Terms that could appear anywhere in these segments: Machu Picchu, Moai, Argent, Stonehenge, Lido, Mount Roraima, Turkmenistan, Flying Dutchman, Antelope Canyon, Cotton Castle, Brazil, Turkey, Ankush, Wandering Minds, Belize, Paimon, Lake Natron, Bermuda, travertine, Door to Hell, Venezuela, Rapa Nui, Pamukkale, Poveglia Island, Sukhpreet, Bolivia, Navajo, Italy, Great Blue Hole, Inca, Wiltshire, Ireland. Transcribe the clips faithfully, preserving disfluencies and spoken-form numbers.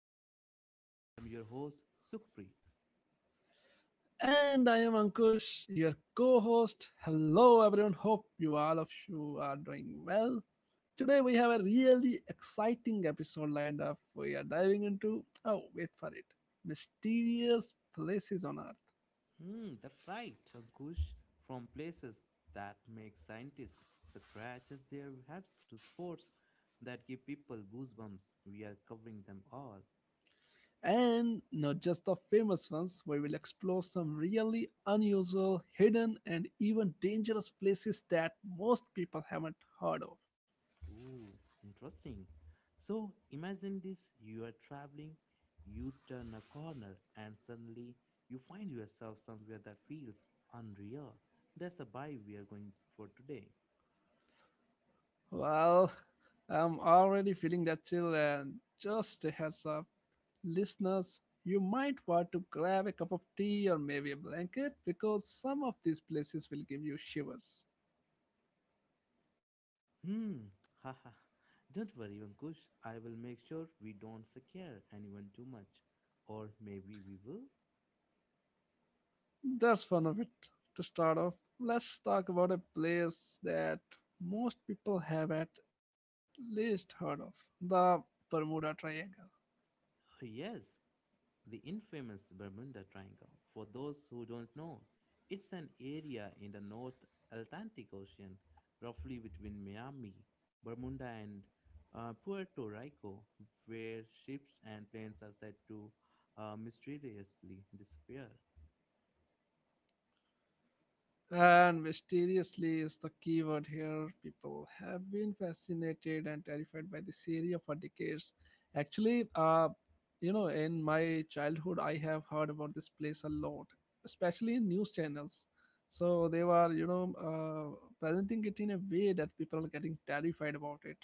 podcast. I'm your host Sukhpreet. And I am Ankush, your co host. Hello, everyone. Hope you all of you are doing well. Today, we have a really exciting episode lined up. We are diving into, oh, wait for it, mysterious places on Earth. Hmm, that's right, Ankush. From places that make scientists scratches their heads to sports that give people goosebumps, we are covering them all. And not just the famous ones, we will explore some really unusual, hidden, and even dangerous places that most people haven't heard of. Oh, interesting. So imagine this you are traveling, you turn a corner, and suddenly you find yourself somewhere that feels unreal. That's the buy we are going for today. Well, I'm already feeling that chill, and just a heads up, listeners, you might want to grab a cup of tea or maybe a blanket because some of these places will give you shivers. Hmm, haha. Don't worry, Vankush. I will make sure we don't scare anyone too much. Or maybe we will? That's fun of it. To start off, let's talk about a place that most people have at least heard of the Bermuda Triangle. Oh, yes, the infamous Bermuda Triangle. For those who don't know, it's an area in the North Atlantic Ocean, roughly between Miami, Bermuda, and uh, Puerto Rico, where ships and planes are said to uh, mysteriously disappear. And mysteriously is the keyword here. People have been fascinated and terrified by this area for decades. Actually, uh, you know, in my childhood, I have heard about this place a lot, especially in news channels. So they were, you know, uh, presenting it in a way that people are getting terrified about it.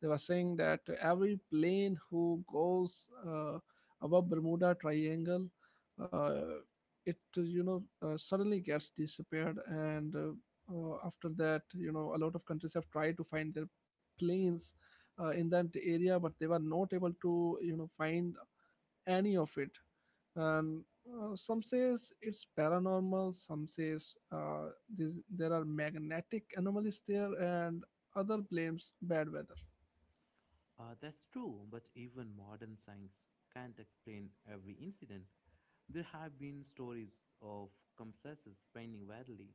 They were saying that every plane who goes uh, above Bermuda Triangle uh, it uh, you know uh, suddenly gets disappeared, and uh, uh, after that, you know, a lot of countries have tried to find their planes uh, in that area, but they were not able to, you know, find any of it. And uh, some says it's paranormal, some says uh, this, there are magnetic anomalies there, and other blames bad weather. Uh, that's true, but even modern science can't explain every incident. There have been stories of compasses spinning wildly,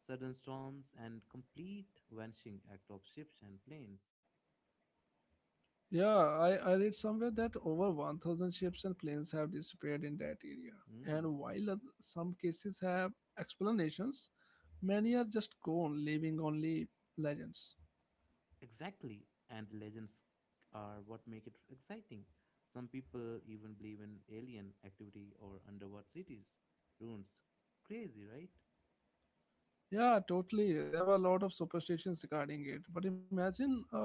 sudden storms, and complete vanishing act of ships and planes. Yeah, I, I read somewhere that over one thousand ships and planes have disappeared in that area. Mm, And while oth- some cases have explanations, many are just gone, leaving only legends. exactly, and legends are what make it exciting. Some people even believe in alien activity or underwater cities, ruins. Crazy, right? Yeah, totally. There were a lot of superstitions regarding it. But imagine uh,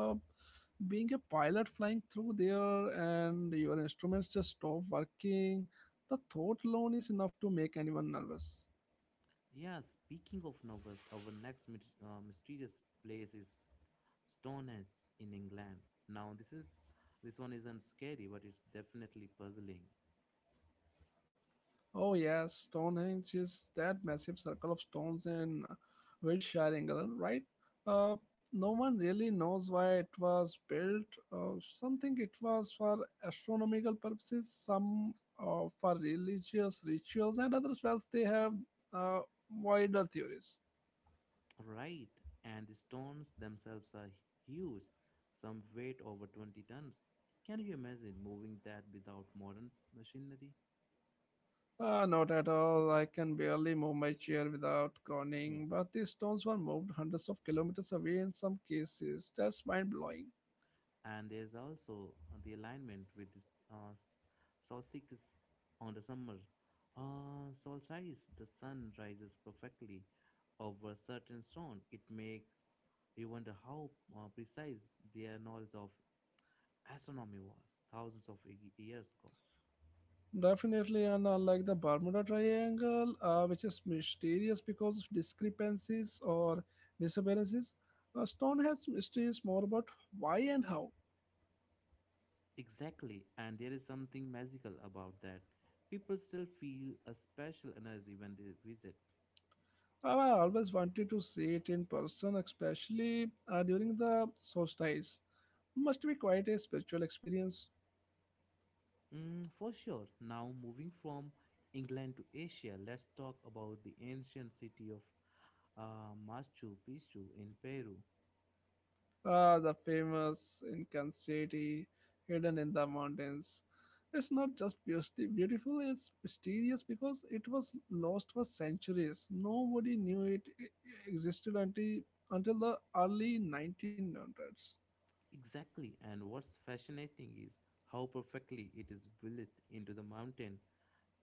being a pilot flying through there and your instruments just stop working. The thought alone is enough to make anyone nervous. Yeah, speaking of novels, our next myth- uh, mysterious place is Stonehenge in England. Now, this is this one isn't scary, but it's definitely puzzling. Oh yes, Stonehenge is that massive circle of stones in Wiltshire, England, right? Uh, no one really knows why it was built. Uh, some think it was for astronomical purposes, some uh, for religious rituals, and others, well, they have uh, wider theories. Right, and the stones themselves are huge, some weight over twenty tons. Can you imagine moving that without modern machinery? Uh, not at all. I can barely move my chair without Hmm. groaning. But these stones were moved hundreds of kilometers away in some cases. That's mind blowing. And there's also uh, the alignment with this uh, s- solstice on the summer. Uh, solstice, the sun rises perfectly over a certain stone. It make you wonder how uh, precise their knowledge of astronomy was thousands of y- years ago. Definitely, and unlike the Bermuda Triangle, uh, which is mysterious because of discrepancies or disabilities, uh, Stonehenge mystery is more about why and how. Exactly, and there is something magical about that. People still feel a special energy when they visit. Uh, I always wanted to see it in person, especially uh, during the solstice. Must be quite a spiritual experience. Mm, for sure. Now, moving from England to Asia, let's talk about the ancient city of uh, Machu Picchu in Peru. Ah, the famous Incan city hidden in the mountains. It's not just beauty beautiful, it's mysterious because it was lost for centuries. Nobody knew it e- existed until, until the early nineteen hundreds. Exactly, and what's fascinating is how perfectly it is built into the mountain.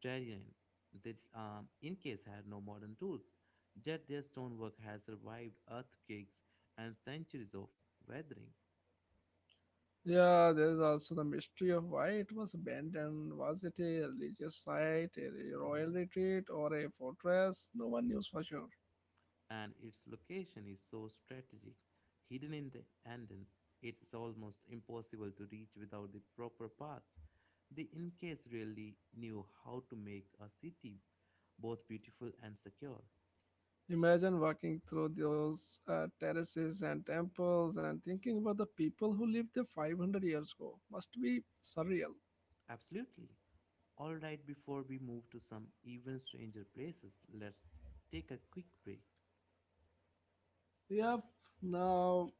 Terrain. They um, in had no modern tools, yet their stonework has survived earthquakes and centuries of weathering. Yeah, there is also the mystery of why it was abandoned. Was it a religious site, a royal Hmm. retreat, or a fortress? No one knows for sure. And its location is so strategic, hidden in the Andens, it is almost impossible to reach without the proper paths. The Incas really knew how to make a city both beautiful and secure. Imagine walking through those uh, terraces and temples and thinking about the people who lived there five hundred years ago. Must be surreal. Absolutely. All right, before we move to some even stranger places, let's take a quick break. Yep. Now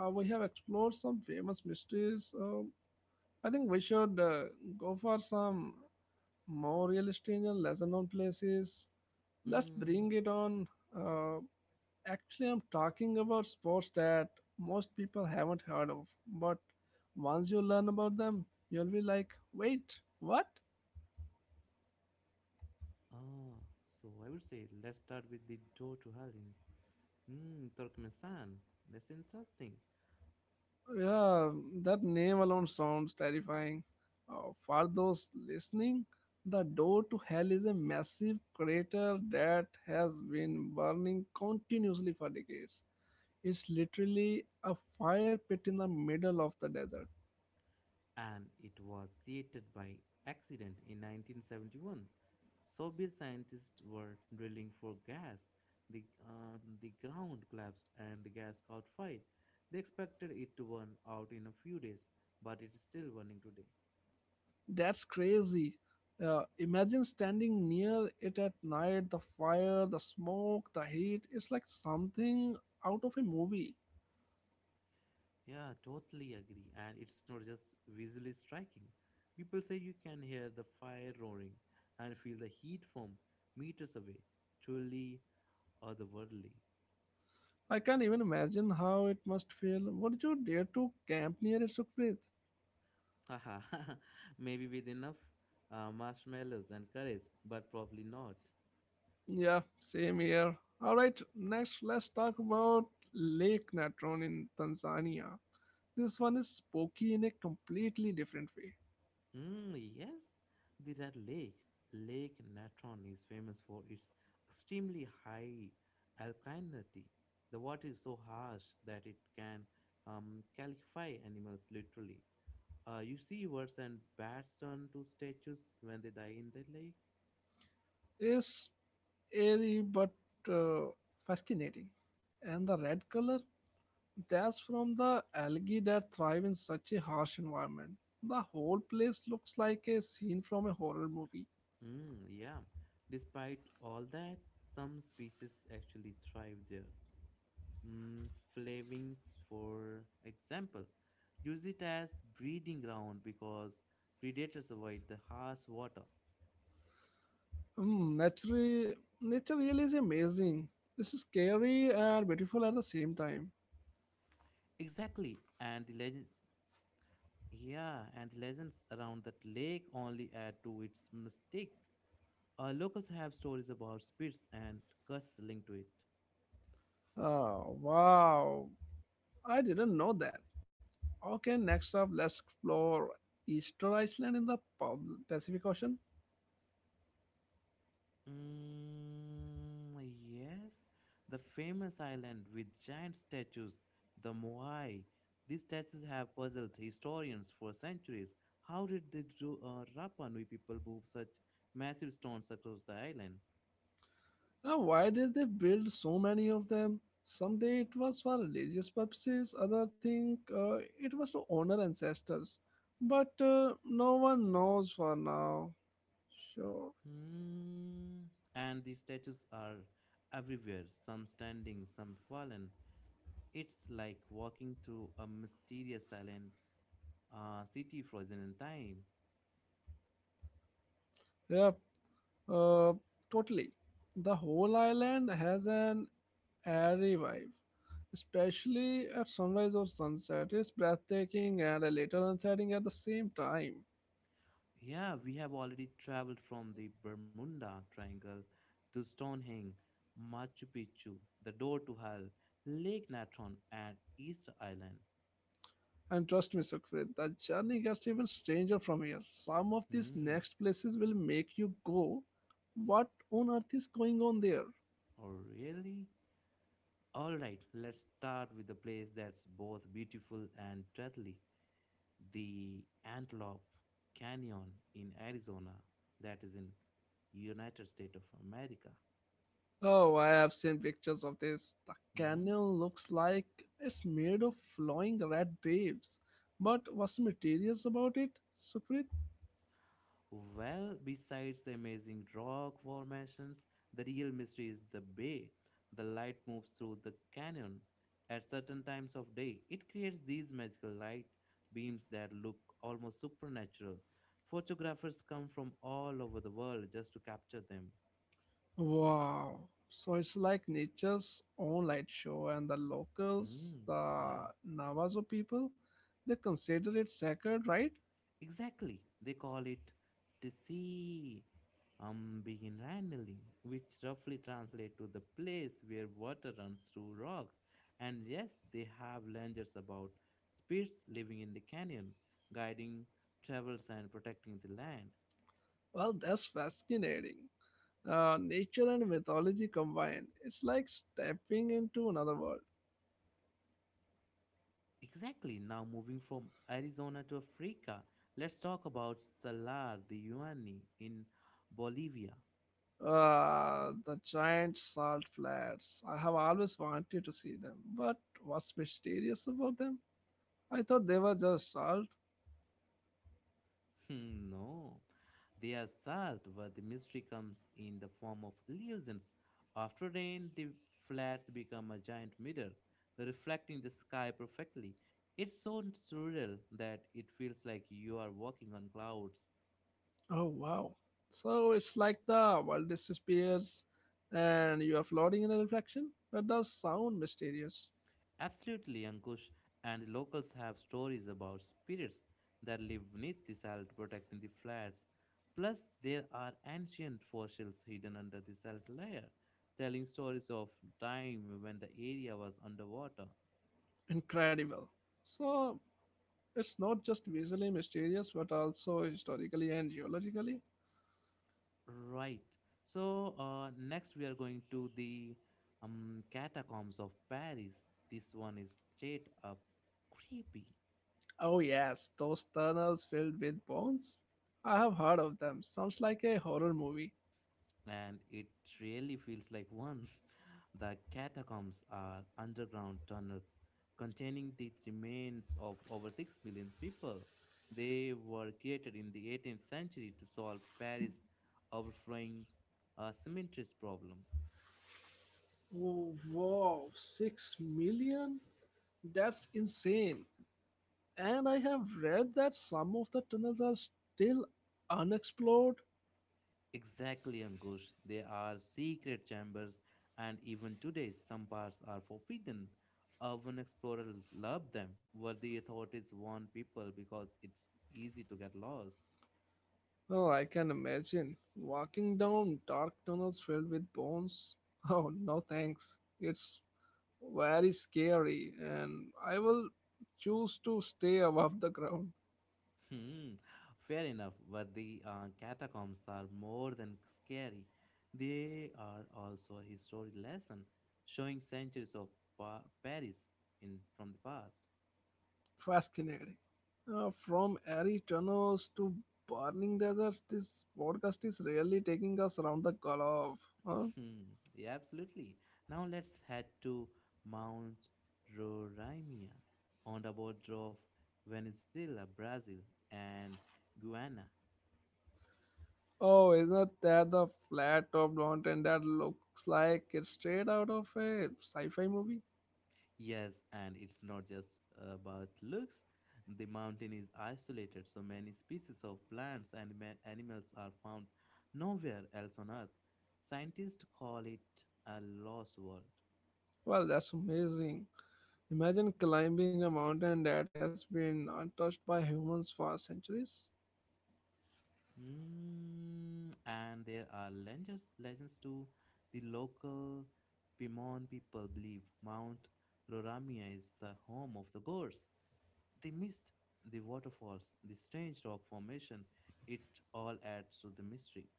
uh, we have explored some famous mysteries. Um, I think we should uh, go for some more realistic and lesser known places. Let's Mm, bring it on. Uh, Actually, I'm talking about sports that most people haven't heard of, but once you learn about them, you'll be like, wait, what? ah, so I would say let's start with the door to hell in mm, Turkmenistan. That's interesting. Yeah, that name alone sounds terrifying. Uh, for those listening, the door to hell is a massive crater that has been burning continuously for decades. It's literally a fire pit in the middle of the desert. And it was created by accident in nineteen seventy-one. Soviet scientists were drilling for gas. The, uh, the ground collapsed and the gas caught fire. They expected it to burn out in a few days, but it is still burning today. That's crazy. Uh, imagine standing near it at night, the fire, the smoke, the heat. It's like something out of a movie. Yeah, totally agree. And it's not just visually striking. People say you can hear the fire roaring and feel the heat from meters away. Truly otherworldly. I can't even imagine how it must feel. Would you dare to camp near it, Sukhpreet? Haha, maybe with enough uh, marshmallows and courage, but probably not. Yeah, same here. Alright, next let's talk about Lake Natron in Tanzania. This one is spooky in a completely different way. Mm, yes, the Red Lake. Lake Natron is famous for its extremely high alkalinity. The water is so harsh that it can um, calcify animals literally. Uh, you see words and bats turn to statues when they die in the lake. It's airy but uh, fascinating. And the red color? That's from the algae that thrive in such a harsh environment. The whole place looks like a scene from a horror movie. Mm, yeah. Despite all that, some species actually thrive there. Mm, flavings, for example, use it as breeding ground because predators avoid the harsh water. Hmm, nature, nature really is amazing. This is scary and beautiful at the same time. Exactly, and the legend, yeah, and the legends around that lake only add to its mystique. Uh, locals have stories about spirits and curses linked to it. Oh, wow. I didn't know that. Okay, next up, let's explore Easter Island in the Pub- Pacific Ocean. Mm, yes, the famous island with giant statues, the Moai. These statues have puzzled historians for centuries. How did the Ru- uh, Rapa Nui people move such massive stones across the island? Now, why did they build so many of them? Someday it was for religious purposes, other thing uh, it was to honor ancestors. But uh, no one knows for now. Sure. Hmm. And these statues are everywhere, some standing, some fallen. It's like walking through a mysterious silent uh, city frozen in time. Yep. Uh, totally. The whole island has an airy vibe, especially at sunrise or sunset. It's breathtaking and a little unsettling at the same time. Yeah, we have already traveled from the Bermuda Triangle to Stonehenge, Machu Picchu, the door to hell, Lake Natron, and Easter Island. And trust me, Sukhpreet, the journey gets even stranger from here. Some of these Hmm, next places will make you go, what on earth is going on there? oh really? Alright, let's start with the place that's both beautiful and deadly the Antelope Canyon in Arizona, that is in United States of America. Oh, I have seen pictures of this. The Mm-hmm. canyon looks like it's made of flowing red waves. But what's mysterious about it, Sukhpreet? Well, besides the amazing rock formations, the real mystery is the bay. The light moves through the canyon at certain times of day. It creates these magical light beams that look almost supernatural. Photographers come from all over the world just to capture them. Wow. So it's like nature's own light show, and the locals, Hmm, yeah. the Navajo people, they consider it sacred, right? Exactly. They call it Tsi Umbiginranally, which roughly translates to the place where water runs through rocks. And yes, they have legends about spirits living in the canyon, guiding travels and protecting the land. Well, that's fascinating. Uh, nature and mythology combined. It's like stepping into another world. Exactly. Now moving from Arizona to Africa, let's talk about Salar de Uyuni in Bolivia. Uh, the giant salt flats. I have always wanted to see them, but what's mysterious about them? I thought they were just salt. No, they are solved, but the mystery comes in the form of illusions. After rain, the flats become a giant mirror, reflecting the sky perfectly. It's so surreal that it feels like you are walking on clouds. Oh wow! So it's like the world disappears, and you are floating in a reflection. That does sound mysterious. Absolutely, Ankush. And locals have stories about spirits that live beneath the salt protecting the flats. Plus, there are ancient fossils hidden under the salt layer, telling stories of time when the area was underwater. Incredible. So it's not just visually mysterious, but also historically and geologically. Right. So, uh, next we are going to the um, catacombs of Paris. This one is straight up creepy. Oh, yes, those tunnels filled with bones? I have heard of them. Sounds like a horror movie. And it really feels like one. The catacombs are underground tunnels containing the remains of over six million people. They were created in the eighteenth century to solve Paris' overflowing uh, cemeteries problem. Oh, wow, six million? That's insane. And I have read that some of the tunnels are still unexplored. Exactly, Ankush. They are secret chambers, and even today, some parts are forbidden. Urban explorers love them, where the authorities warn people because it's easy to get lost. Oh, I can imagine. Walking down dark tunnels filled with bones. Oh, no thanks. It's very scary, and I will choose to stay above the ground. Hmm, fair enough, but the uh, catacombs are more than scary. They are also a historic lesson, showing centuries of pa- Paris in from the past. Fascinating. Uh, from airy tunnels to burning deserts, this podcast is really taking us around the globe. Huh? Hmm, yeah, absolutely. Now let's head to Mount Roraima on the border of Venezuela, Brazil, and Guyana. Oh, isn't that the flat top mountain that looks like it's straight out of a sci fi movie? Yes, and it's not just about looks. The mountain is isolated, so many species of plants and ma- animals are found nowhere else on Earth. Scientists call it a lost world. Well, that's amazing. Imagine climbing a mountain that has been untouched by humans for centuries. Mm, and there are legends, legends too. The local Pimon people believe Mount Roramia is the home of the gods. The mist, the waterfalls, the strange rock formation, it all adds to the mystery.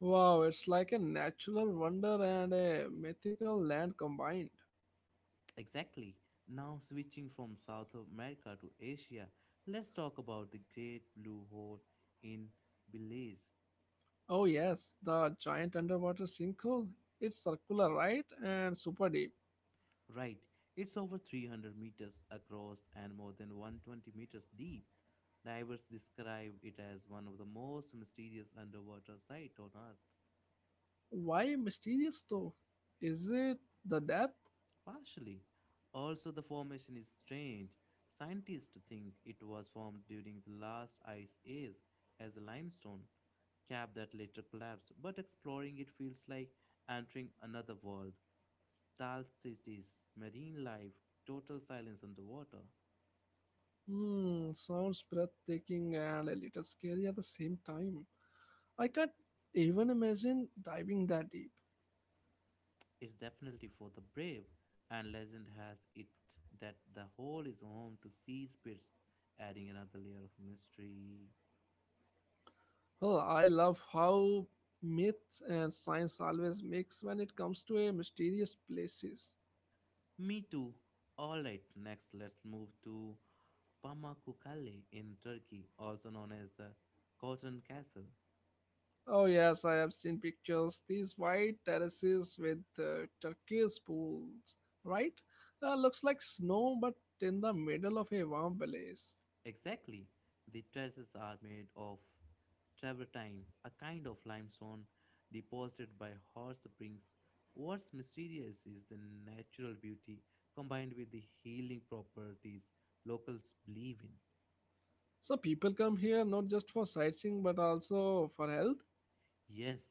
Wow, it's like a natural wonder and a mythical land combined. Exactly. Now, switching from South America to Asia, let's talk about the Great Blue Hole in Belize. Oh, yes, the giant underwater sinkhole. It's circular, right? And super deep. Right, it's over three hundred meters across and more than one hundred twenty meters deep. Divers describe it as one of the most mysterious underwater sites on Earth. Why mysterious though? Is it the depth? Partially. Also, the formation is strange. Scientists think it was formed during the last ice age as a limestone cap that later collapsed, but exploring it feels like entering another world. Star cities, marine life, total silence underwater. Hmm, sounds breathtaking and a little scary at the same time. I can't even imagine diving that deep. It's definitely for the brave, and legend has it that the hole is home to sea spirits, adding another layer of mystery. Oh, I love how myths and science always mix when it comes to a mysterious places. Me too. Alright, next let's move to Pamukkale in Turkey, also known as the Cotton Castle. Oh yes, I have seen pictures. These white terraces with uh, turquoise pools, right? Uh, looks like snow, but in the middle of a warm place. Exactly. The terraces are made of travertine, a kind of limestone deposited by hot springs. What's mysterious is the natural beauty combined with the healing properties locals believe in. So people come here not just for sightseeing, but also for health. Yes,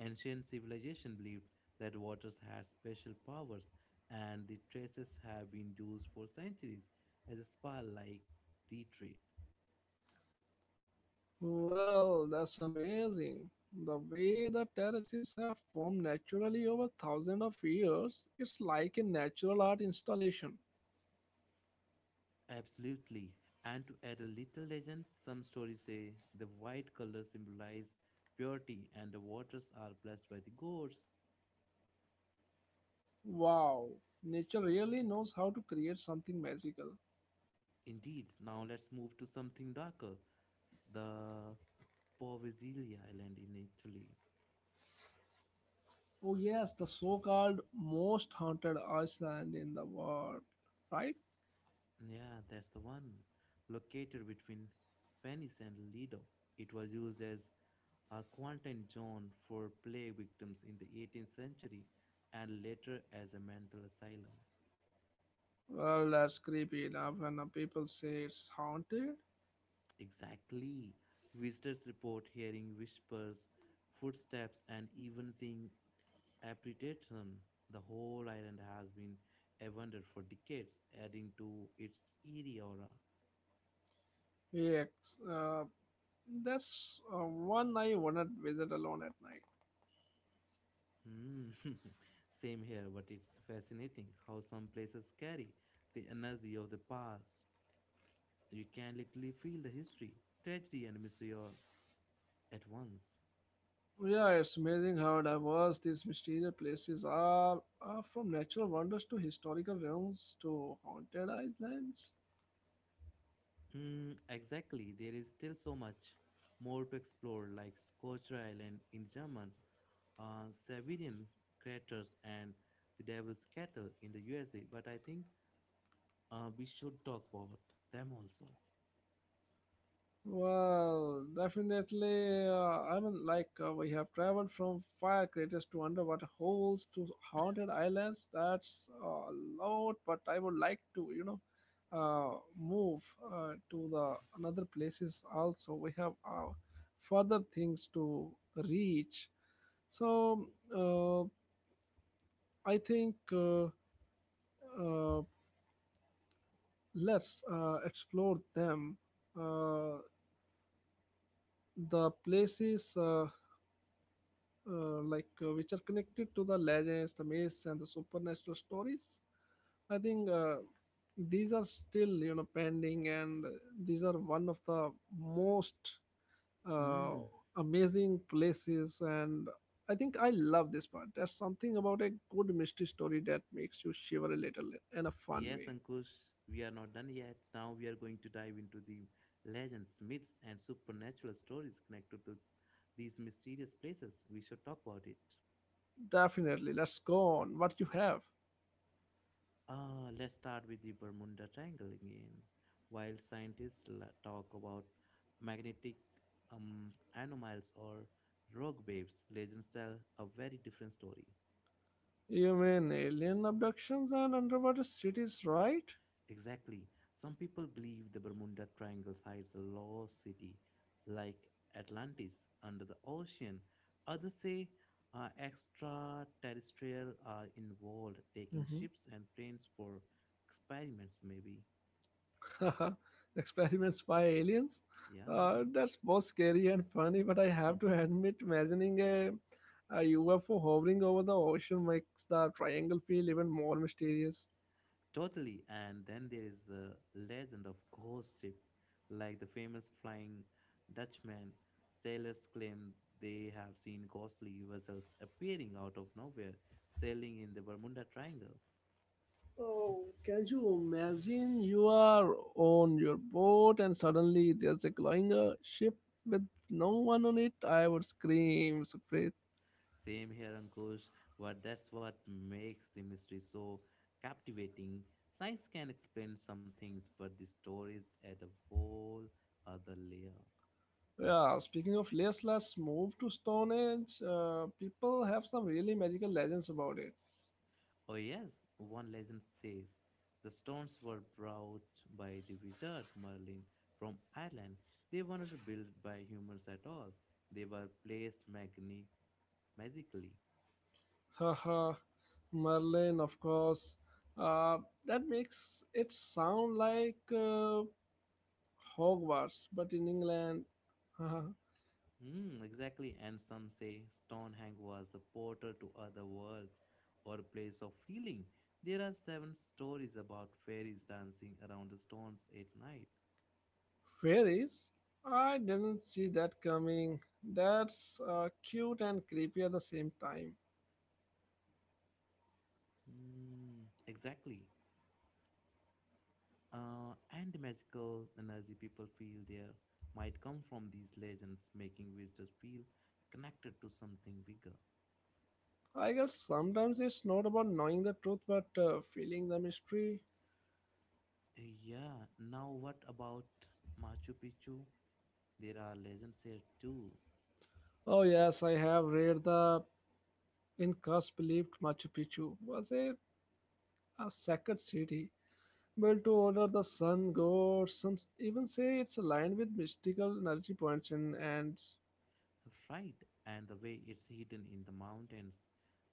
ancient civilization believed that waters had special powers, and the traces have been used for centuries as a spa-like retreat. Well, that's amazing. The way the terraces have formed naturally over thousands of years, it's like a natural art installation. Absolutely. And to add a little legend, some stories say the white color symbolize purity and the waters are blessed by the gods. Wow, nature really knows how to create something magical. Indeed, now let's move to something darker. The Poveglia Island in Italy. Oh yes, the so-called most haunted island in the world, right? Yeah, that's the one. Located between Venice and Lido, it was used as a quarantine zone for plague victims in the eighteenth century and later as a mental asylum. Well, that's creepy enough when uh, people say it's haunted. Exactly. Visitors report hearing whispers, footsteps, and even seeing apparition. The whole island has been abandoned for decades, adding to its eerie aura. Yes, uh, that's uh, one I wanna visit alone at night. Hmm. Same here, but it's fascinating how some places carry the energy of the past. You can literally feel the history, tragedy, and mystery all at once. Yeah, it's amazing how diverse these mysterious places are, uh, from natural wonders to historical realms to haunted islands. Mm, exactly, there is still so much more to explore, like Scotia Island in German, uh, Siberian craters, and the Devil's Cattle in the U S A. But I think uh, we should talk about them also. Well, definitely. Uh, I mean, like uh, we have traveled from fire craters to underwater holes to haunted islands. That's uh, a lot, but I would like to, you know, uh, move uh, to the another places also. We have uh, further things to reach. So uh, I think uh, uh, let's uh, explore them. Uh, the places uh, uh, like uh, which are connected to the legends, the myths, and the supernatural stories. I think uh, these are still, you know, pending, and these are one of the most uh, Mm. amazing places. And I think I love this part. There's something about a good mystery story that makes you shiver a little in a fun Yes, way. Ankush, we are not done yet. Now we are going to dive into the legends, myths, and supernatural stories connected to these mysterious places. We should talk about it. Definitely, let's go on. What you have? Ah, let's start with the Bermuda Triangle again. While scientists la- talk about magnetic um, anomalies or rogue waves, legends tell a very different story. You mean alien abductions and underwater cities, right? Exactly. Some people believe the Bermuda Triangle hides a lost city like Atlantis under the ocean. Others say uh, extraterrestrial are involved, taking Mm-hmm. ships and planes for experiments, maybe. Experiments by aliens? Yeah, Uh, maybe. that's both scary and funny, but I have to admit, imagining a, a U F O hovering over the ocean makes the triangle feel even more mysterious. Totally. And then there is the legend of ghost ship, like the famous Flying Dutchman. Sailors claim they have seen ghostly vessels appearing out of nowhere, sailing in the Bermuda Triangle. Oh, can you imagine you are on your boat and suddenly there's a glowing uh, ship with no one on it? I would scream, scream. Same here, Ankush, but that's what makes the mystery so captivating. Science can explain some things, but the stories add a whole other layer. Yeah, speaking of let's let's move to Stone Age. Uh, people have some really magical legends about it. Oh, yes, one legend says the stones were brought by the wizard Merlin from Ireland. They weren't built by humans at all, they were placed magni- magically. Haha, Merlin, of course. Uh, that makes it sound like uh, Hogwarts, but in England. Mm, exactly, and some say Stonehenge was a portal to other worlds or a place of healing. There are seven stories about fairies dancing around the stones at night. Fairies? I didn't see that coming. That's uh, cute and creepy at the same time. Mm, exactly. Uh, and the magical energy people feel there might come from these legends, making visitors feel connected to something bigger. I guess sometimes it's not about knowing the truth but uh, feeling the mystery. Uh, Yeah, now what about Machu Picchu? There are legends here too, Oh, yes, I have read the Incas believed Machu Picchu was a, a sacred city built to honor the sun god. Some even say it's aligned with mystical energy points and, and right? And the way it's hidden in the mountains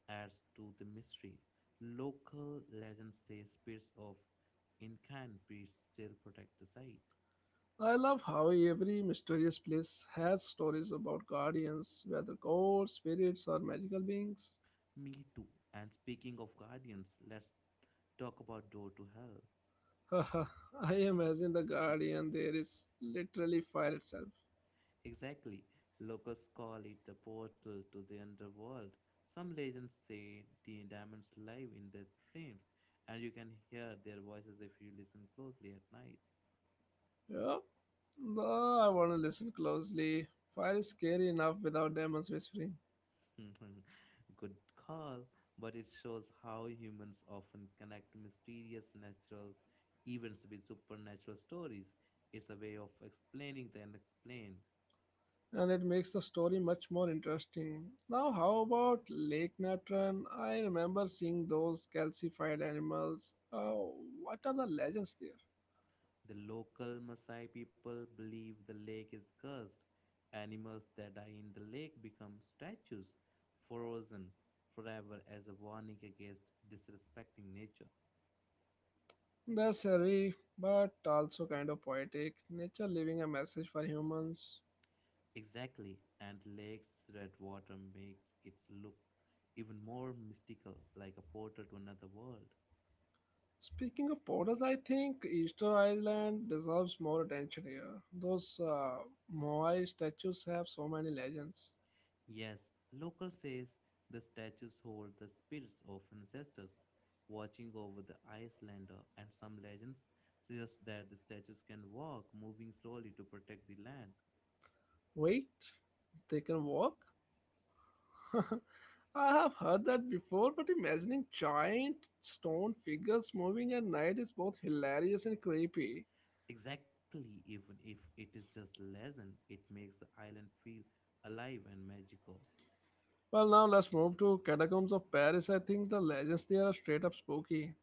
adds to the mystery. Local legends say spirits of Incan priests still protect the site. I love how every mysterious place has stories about guardians, whether gods, spirits, or magical beings. Me too. And speaking of guardians, let's talk about Door to Hell. I imagine the guardian there is literally fire itself. Exactly. Locals call it a portal to the underworld. Some legends say the diamonds live in their flames, and you can hear their voices if you listen closely at night. Yeah? Though I want to listen closely. Fire is scary enough without demons whispering, Good call, but it shows how humans often connect mysterious natural events with supernatural stories. It's a way of explaining the unexplained. and it makes the story much more interesting. Now, how about Lake Natron? I remember seeing those calcified animals. Oh, what are the legends there? The local Maasai people believe the lake is cursed. Animals that die in the lake become statues, frozen forever as a warning against disrespecting nature. That's eerie, but also kind of poetic. Nature leaving a message for humans. Exactly, and lake's red water makes it look even more mystical, like a portal to another world. Speaking of portals, I think Easter Island deserves more attention here. Those uh, Moai statues have so many legends. Yes, local says the statues hold the spirits of ancestors watching over the Icelander, and some legends suggest that the statues can walk, moving slowly to protect the land. Wait, they can walk? I have heard that before, but imagining giant stone figures moving at night is both hilarious and creepy. Exactly, even if it is just legend, it makes the island feel alive and magical. Well, now let's move to Catacombs of Paris. I think the legends there are straight up spooky.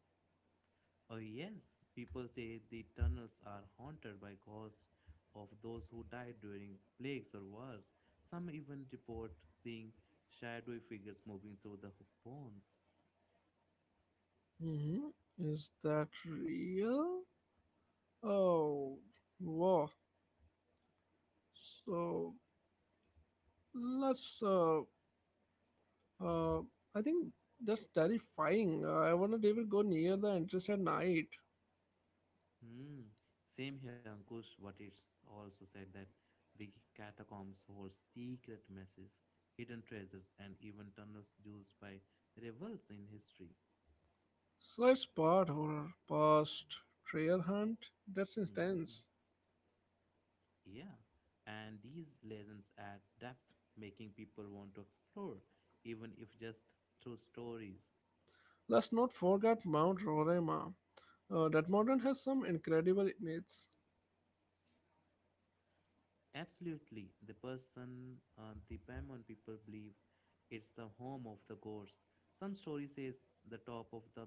Oh, yes, people say the tunnels are haunted by ghosts of those who died during plagues or wars. Some even report seeing shadowy figures moving through the ho- bones. hmm Is that real? Oh, wow. So let's. Uh, uh, I think that's terrifying. I wouldn't even go near the entrance at night. Hmm. Same here, Ankush, but it's also said that the catacombs hold secret messages, hidden treasures, and even tunnels used by rebels in history. So it's part horror, past treasure hunt. That's intense. Yeah, and these lessons add depth, making people want to explore, even if just through stories. Let's not forget Mount Roraima. Uh, that mountain has some incredible myths. Absolutely, the person, uh, the Paimon people believe it's the home of the gods. Some story says the top of the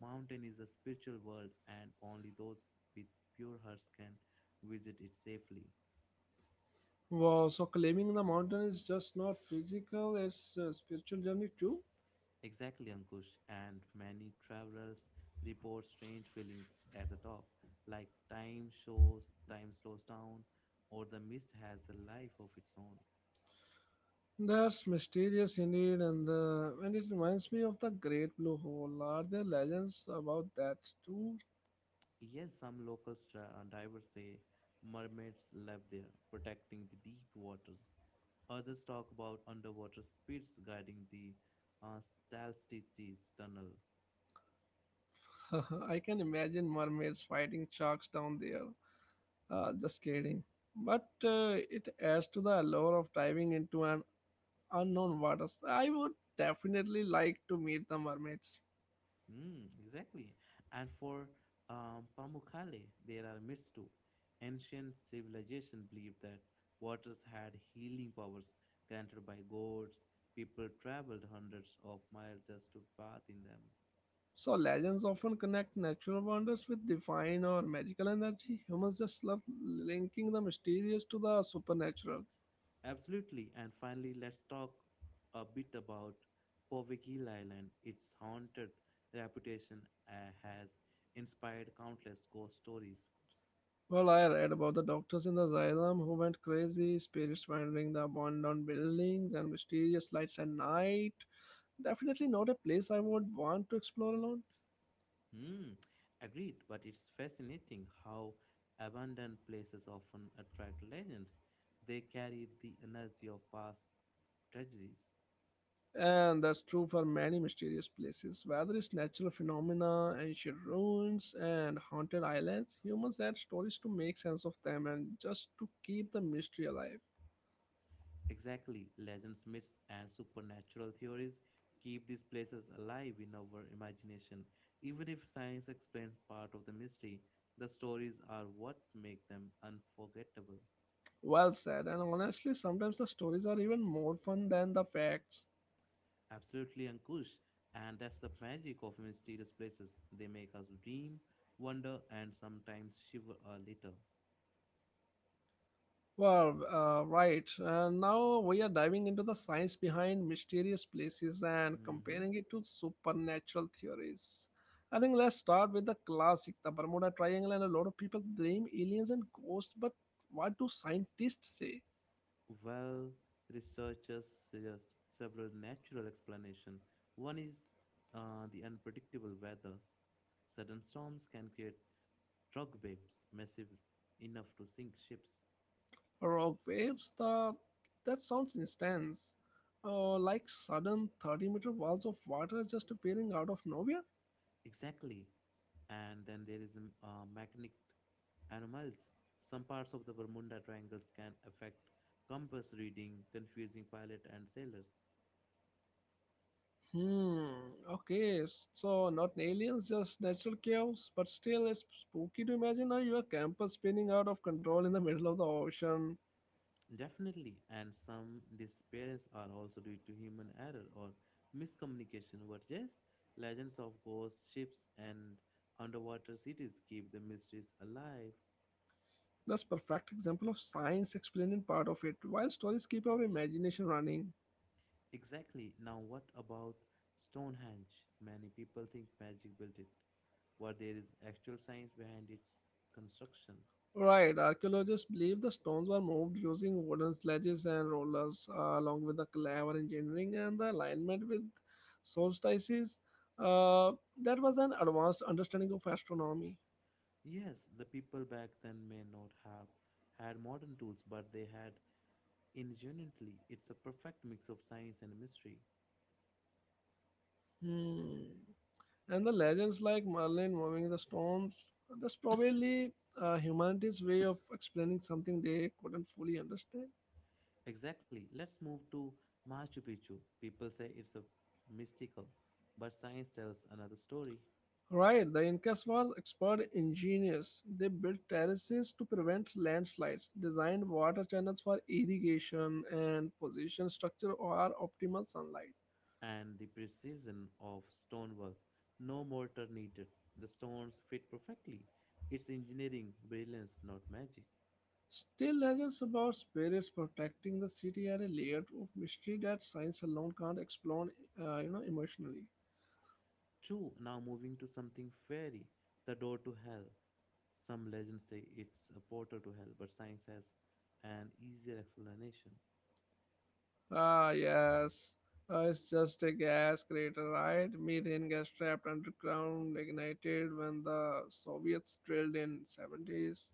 mountain is a spiritual world, and only those with pure hearts can visit it safely. Wow, so climbing the mountain is just not physical, it's a spiritual journey too. Exactly, Ankush, and many travelers report strange feelings at the top, like time shows, time slows down, or the mist has a life of its own. That's mysterious indeed, and the and it reminds me of the Great Blue Hole. Are there legends about that too? Yes, some local stra- divers say mermaids live there, protecting the deep waters. Others talk about underwater spirits guiding the uh, Stalstiches tunnel. I can imagine mermaids fighting sharks down there. Uh, just kidding. But uh, it adds to the allure of diving into an unknown waters. I would definitely like to meet the mermaids. Mm, exactly. And for um, Pamukkale, there are myths too. Ancient civilization believed that waters had healing powers granted by gods. People traveled hundreds of miles just to bathe in them. So legends often connect natural wonders with divine or magical energy. Humans just love linking the mysterious to the supernatural. Absolutely. And finally, let's talk a bit about Povegil Island. Its haunted reputation uh, has inspired countless ghost stories. Well, I read about the doctors in the asylum who went crazy, spirits wandering the abandoned buildings, and mysterious lights at night. Definitely not a place I would want to explore alone. Hmm, agreed, but it's fascinating how abandoned places often attract legends. They carry the energy of past tragedies. And that's true for many mysterious places, whether it's natural phenomena, ancient ruins, and haunted islands. Humans add stories to make sense of them and just to keep the mystery alive. Exactly, legends, myths, and supernatural theories keep these places alive in our imagination. Even if science explains part of the mystery, the stories are what make them unforgettable. Well said, and honestly, sometimes the stories are even more fun than the facts. Absolutely, Ankush. And that's the magic of mysterious places. They make us dream, wonder, and sometimes shiver a little. Wow, uh, right. Uh, now we are diving into the science behind mysterious places and Hmm. comparing it to supernatural theories. I think let's start with the classic, the Bermuda Triangle, and a lot of people blame aliens and ghosts. But what do scientists say? Well, researchers suggest several natural explanations. One is uh, the unpredictable weather. S- Sudden storms can create rock waves massive enough to sink ships. Rock waves? The That sounds intense. Uh, like sudden thirty meter walls of water just appearing out of nowhere. Exactly. And then there is um, uh, magnetic anomalies. Some parts of the Bermuda Triangles can affect compass reading, confusing pilot and sailors. Hmm. Okay. s- So not aliens, just natural chaos. But still, it's spooky to imagine uh, your camper spinning out of control in the middle of the ocean. Definitely, and some disappearances are also due to human error or miscommunication. What yes, legends of ghost ships and underwater cities keep the mysteries alive. That's perfect example of science explaining part of it, while stories keep our imagination running. Exactly. Now, what about Stonehenge? Many people think magic built it, while there is actual science behind its construction. Right. Archaeologists believe the stones were moved using wooden sledges and rollers, uh, along with the clever engineering and the alignment with solstices. Uh, that was an advanced understanding of astronomy. Yes, the people back then may not have had modern tools, but they had ingenuity. It's a perfect mix of science and mystery. Hmm. And the legends like Merlin moving the stones, that's probably uh, humanity's way of explaining something they couldn't fully understand. Exactly. Let's move to Machu Picchu. People say it's a mystical, but science tells another story. Right, the Incas was expert engineers. They built terraces to prevent landslides, designed water channels for irrigation, and positioned structure or optimal sunlight. And the precision of stonework. No mortar needed. The stones fit perfectly. It's engineering brilliance, not magic. Still, legends about spirits protecting the city are a layer of mystery that science alone can't explain, uh, you know, emotionally. True. Now moving to something fairy, the door to hell. Some legends say it's a portal to hell, but science has an easier explanation. Ah, yes. Uh, it's just a gas crater, right? Methane gas trapped underground, ignited when the Soviets drilled in seventies.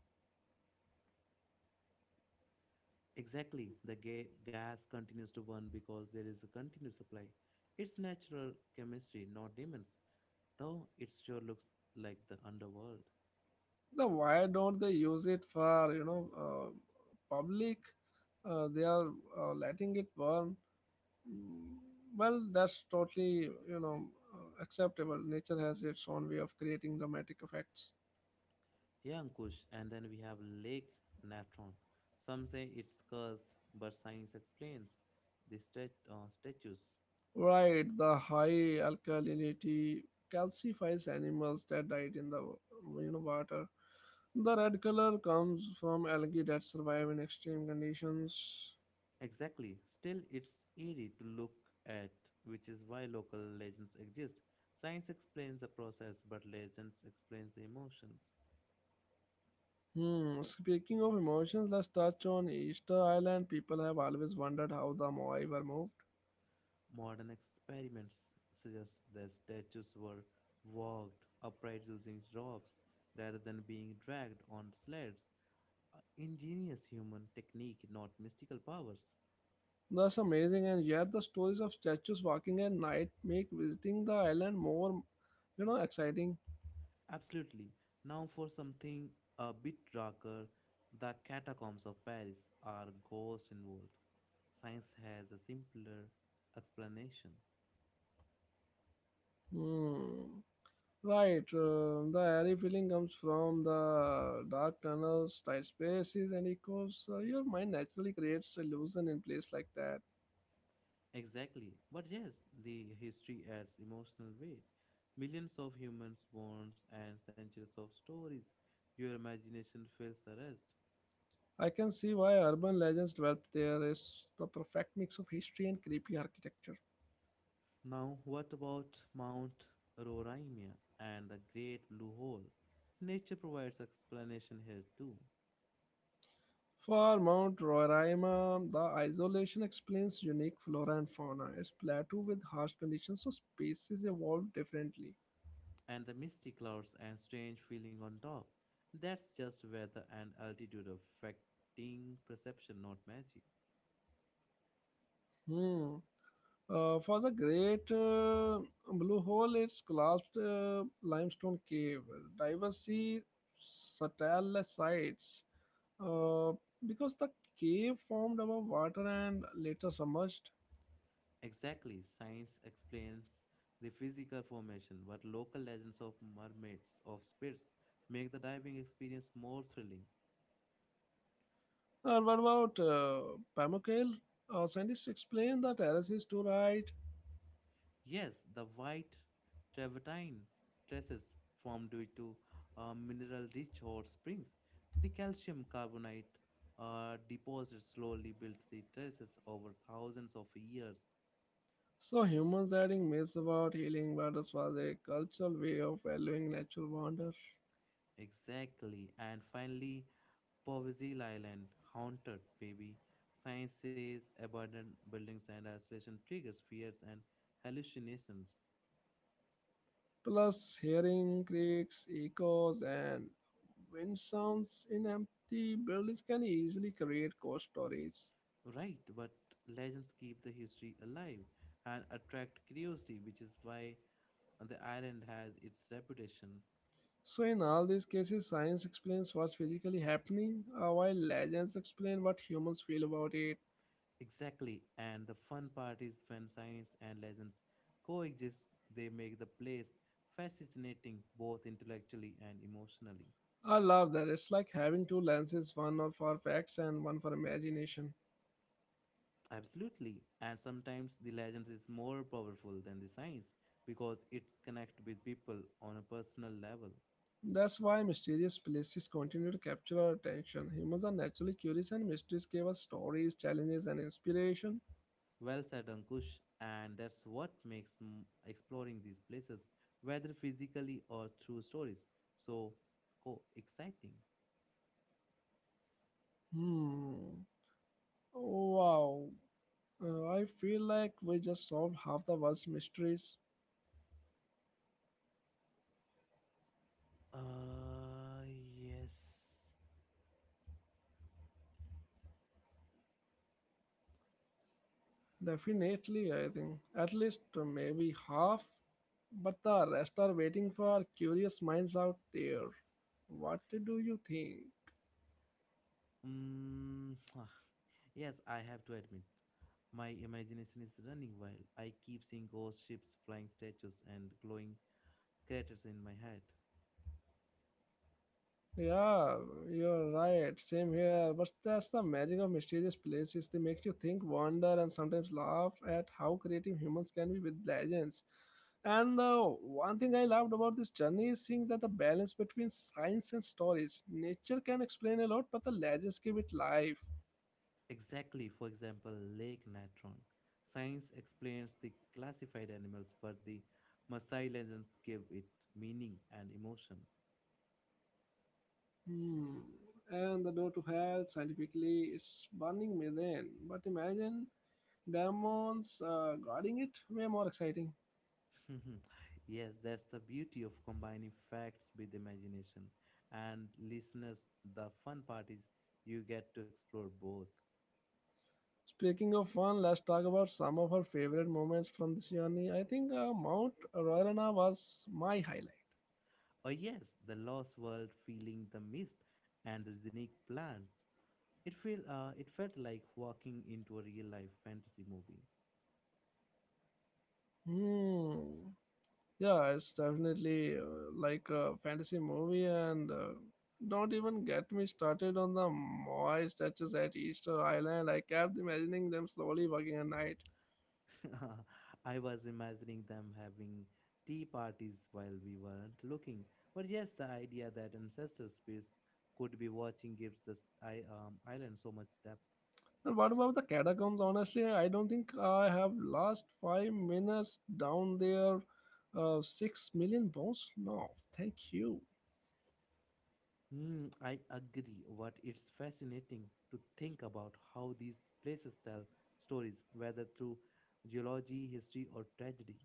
Exactly, the ga- gas continues to burn because there is a continuous supply. It's natural chemistry, not demons, though it sure looks like the underworld. Now, why don't they use it for, you know, uh, public? Uh, they are uh, letting it burn. Mm, well, that's totally, you know, uh, acceptable. Nature has its own way of creating dramatic effects. Yeah, Ankush, and then we have Lake Natron. Some say it's cursed, but science explains the stat- uh, statues. Right, the high alkalinity calcifies animals that died in the, you know, water. The red color comes from algae that survive in extreme conditions. Exactly. Still, it's eerie to look at, which is why local legends exist. Science explains the process, but legends explains the emotions. Hmm. Speaking of emotions, let's touch on Easter Island. People have always wondered how the Moai were moved. Modern experiments suggest that statues were walked upright using ropes rather than being dragged on sleds. A ingenious human technique, not mystical powers. That's amazing, and yet the stories of statues walking at night make visiting the island more, you know, exciting. Absolutely. Now for something a bit darker, the catacombs of Paris are ghost involved. Science has a simpler explanation. Hmm. Right, uh, the airy feeling comes from the dark tunnels, tight spaces, and echoes. Uh, your mind naturally creates illusion in place like that. Exactly. But yes, the history adds emotional weight. Millions of humans, bones, and centuries of stories. Your imagination fills the rest. I can see why urban legends developed there is the perfect mix of history and creepy architecture. Now, what about Mount Roraima and the Great Blue Hole? Nature provides explanation here too. For Mount Roraima, the isolation explains unique flora and fauna. It's plateau with harsh conditions, so species evolved differently. And the misty clouds and strange feeling on top. That's just weather and altitude affecting perception, not magic. Hmm. Uh, for the Great uh, Blue Hole, it's collapsed uh, limestone cave. Divers see satellite sites uh, because the cave formed above water and later submerged. Exactly, science explains the physical formation, but local legends of mermaids, of spirits, make the diving experience more thrilling. Uh, what about uh, Pamukkale? Uh, scientists explain the terrace is too right. Yes, the white travertine tresses formed due to uh, mineral rich hot springs. The calcium carbonate uh, deposits slowly built the terraces over thousands of years. So humans adding myths about healing waters was a cultural way of valuing natural wonder. Exactly. And finally, Povisil Island, haunted, baby. Science says abandoned buildings and isolation triggers fears and hallucinations. Plus, hearing creaks, echoes, and wind sounds in empty buildings can easily create ghost stories. Right, but legends keep the history alive and attract curiosity, which is why the island has its reputation. So, in all these cases, science explains what's physically happening, uh, while legends explain what humans feel about it. Exactly, and the fun part is when science and legends coexist, they make the place fascinating both intellectually and emotionally. I love that. It's like having two lenses, one for facts and one for imagination. Absolutely. And sometimes the legends is more powerful than the science because it connect with people on a personal level. That's why mysterious places continue to capture our attention. Humans are naturally curious, and mysteries give us stories, challenges, and inspiration. Well said, Ankush. And that's what makes m- exploring these places, whether physically or through stories, so co exciting. Hmm. Wow. Uh, I feel like we just solved half the world's mysteries. Uh, yes. Definitely, I think. At least uh, maybe half. But the rest are waiting for curious minds out there. What do you think? Mm, yes, I have to admit, my imagination is running wild. I keep seeing ghost ships, flying statues, and glowing craters in my head. Yeah, you're right. Same here. But that's the magic of mysterious places. They make you think, wonder, and sometimes laugh at how creative humans can be with legends. And uh, one thing I loved about this journey is seeing that the balance between science and stories. Nature can explain a lot, but the legends give it life. Exactly, for example, Lake Natron. Science explains the classified animals, but the Maasai legends give it meaning and emotion. Hmm. And the door to hell, scientifically, it's burning methane. But imagine demons uh, guarding it, way more exciting. Yes, that's the beauty of combining facts with imagination. And listeners, the fun part is you get to explore both. Speaking of fun, let's talk about some of our favorite moments from this journey. I think uh, Mount Royalana was my highlight. Oh, yes, the lost world, feeling the mist and the unique plants. It, feel, uh, it felt like walking into a real life fantasy movie. Hmm. Yeah, it's definitely uh, like a fantasy movie, and uh, don't even get me started on the Moai statues at Easter Island. I kept imagining them slowly walking at night. I was imagining them having tea parties while we weren't looking. But yes, the idea that ancestor space could be watching gives this I, um, island so much depth. And what about the catacombs? Honestly, I don't think I have last five minutes down there. Uh, six million bones? No, thank you. Hmm, I agree, but it's fascinating to think about how these places tell stories, whether through geology, history, or tragedy.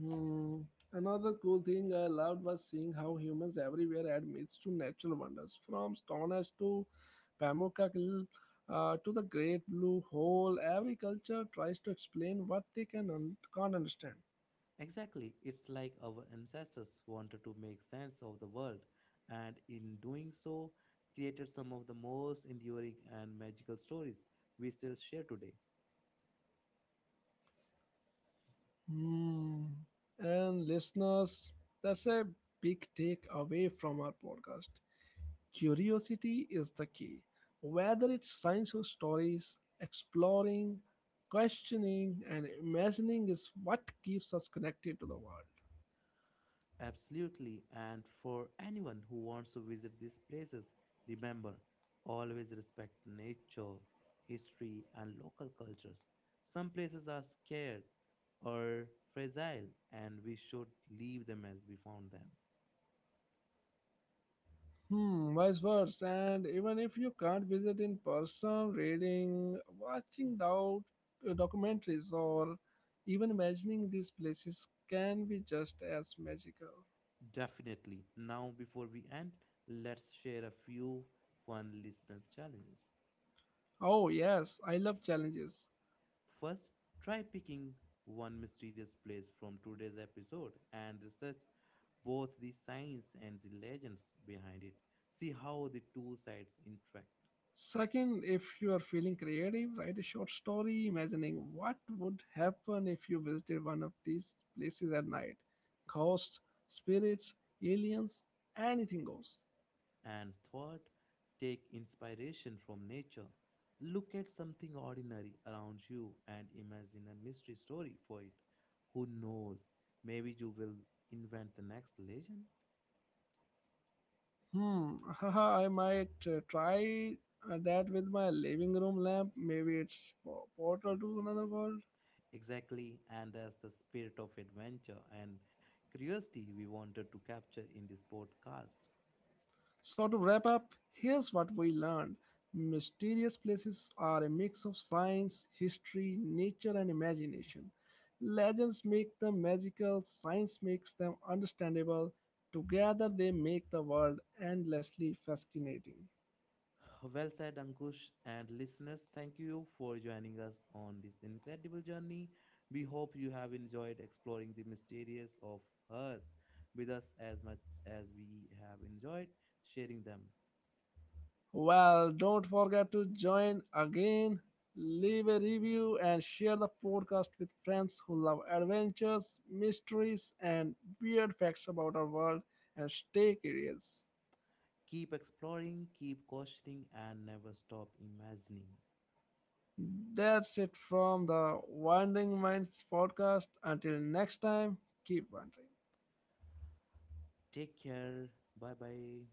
Hmm. Another cool thing I loved was seeing how humans everywhere add myths to natural wonders, from Stonehenge to Pamukkak uh, to the Great Blue Hole. Every culture tries to explain what they can un- can't understand. Exactly, it's like our ancestors wanted to make sense of the world, and in doing so, created some of the most enduring and magical stories we still share today. Hmm. And listeners, that's a big takeaway from our podcast. Curiosity is the key. Whether it's science or stories, exploring, questioning, and imagining is what keeps us connected to the world. Absolutely, and for anyone who wants to visit these places, remember always respect nature, history, and local cultures. Some places are scared or fragile, and we should leave them as we found them. Hmm, vice versa. And even if you can't visit in person, reading, watching doc- documentaries, or even imagining these places can be just as magical. Definitely. Now, before we end, let's share a few fun listener challenges. Oh, yes, I love challenges. First, try picking one mysterious place from today's episode and research both the science and the legends behind it. See how the two sides interact. Second, if you are feeling creative, write a short story imagining what would happen if you visited one of these places at night. Ghosts, spirits, aliens, anything goes. And third, take inspiration from nature. Look at something ordinary around you and imagine a mystery story for it. Who knows? Maybe you will invent the next legend. Hmm, haha, I might uh, try uh, that with my living room lamp. Maybe it's po- portal to another world. Exactly, and that's the spirit of adventure and curiosity we wanted to capture in this podcast. So, to wrap up, here's what we learned mysterious places are a mix of science, history, nature, and imagination. Legends make them magical, science makes them understandable. Together, they make the world endlessly fascinating. Well said, Ankush, and listeners, thank you for joining us on this incredible journey. We hope you have enjoyed exploring the mysteries of Earth with us as much as we have enjoyed sharing them. Well, don't forget to join again, leave a review, and share the podcast with friends who love adventures, mysteries, and weird facts about our world. And stay curious. Keep exploring, keep questioning, and never stop imagining. That's it from the Wandering Minds podcast. Until next time, keep wandering. Take care. Bye bye.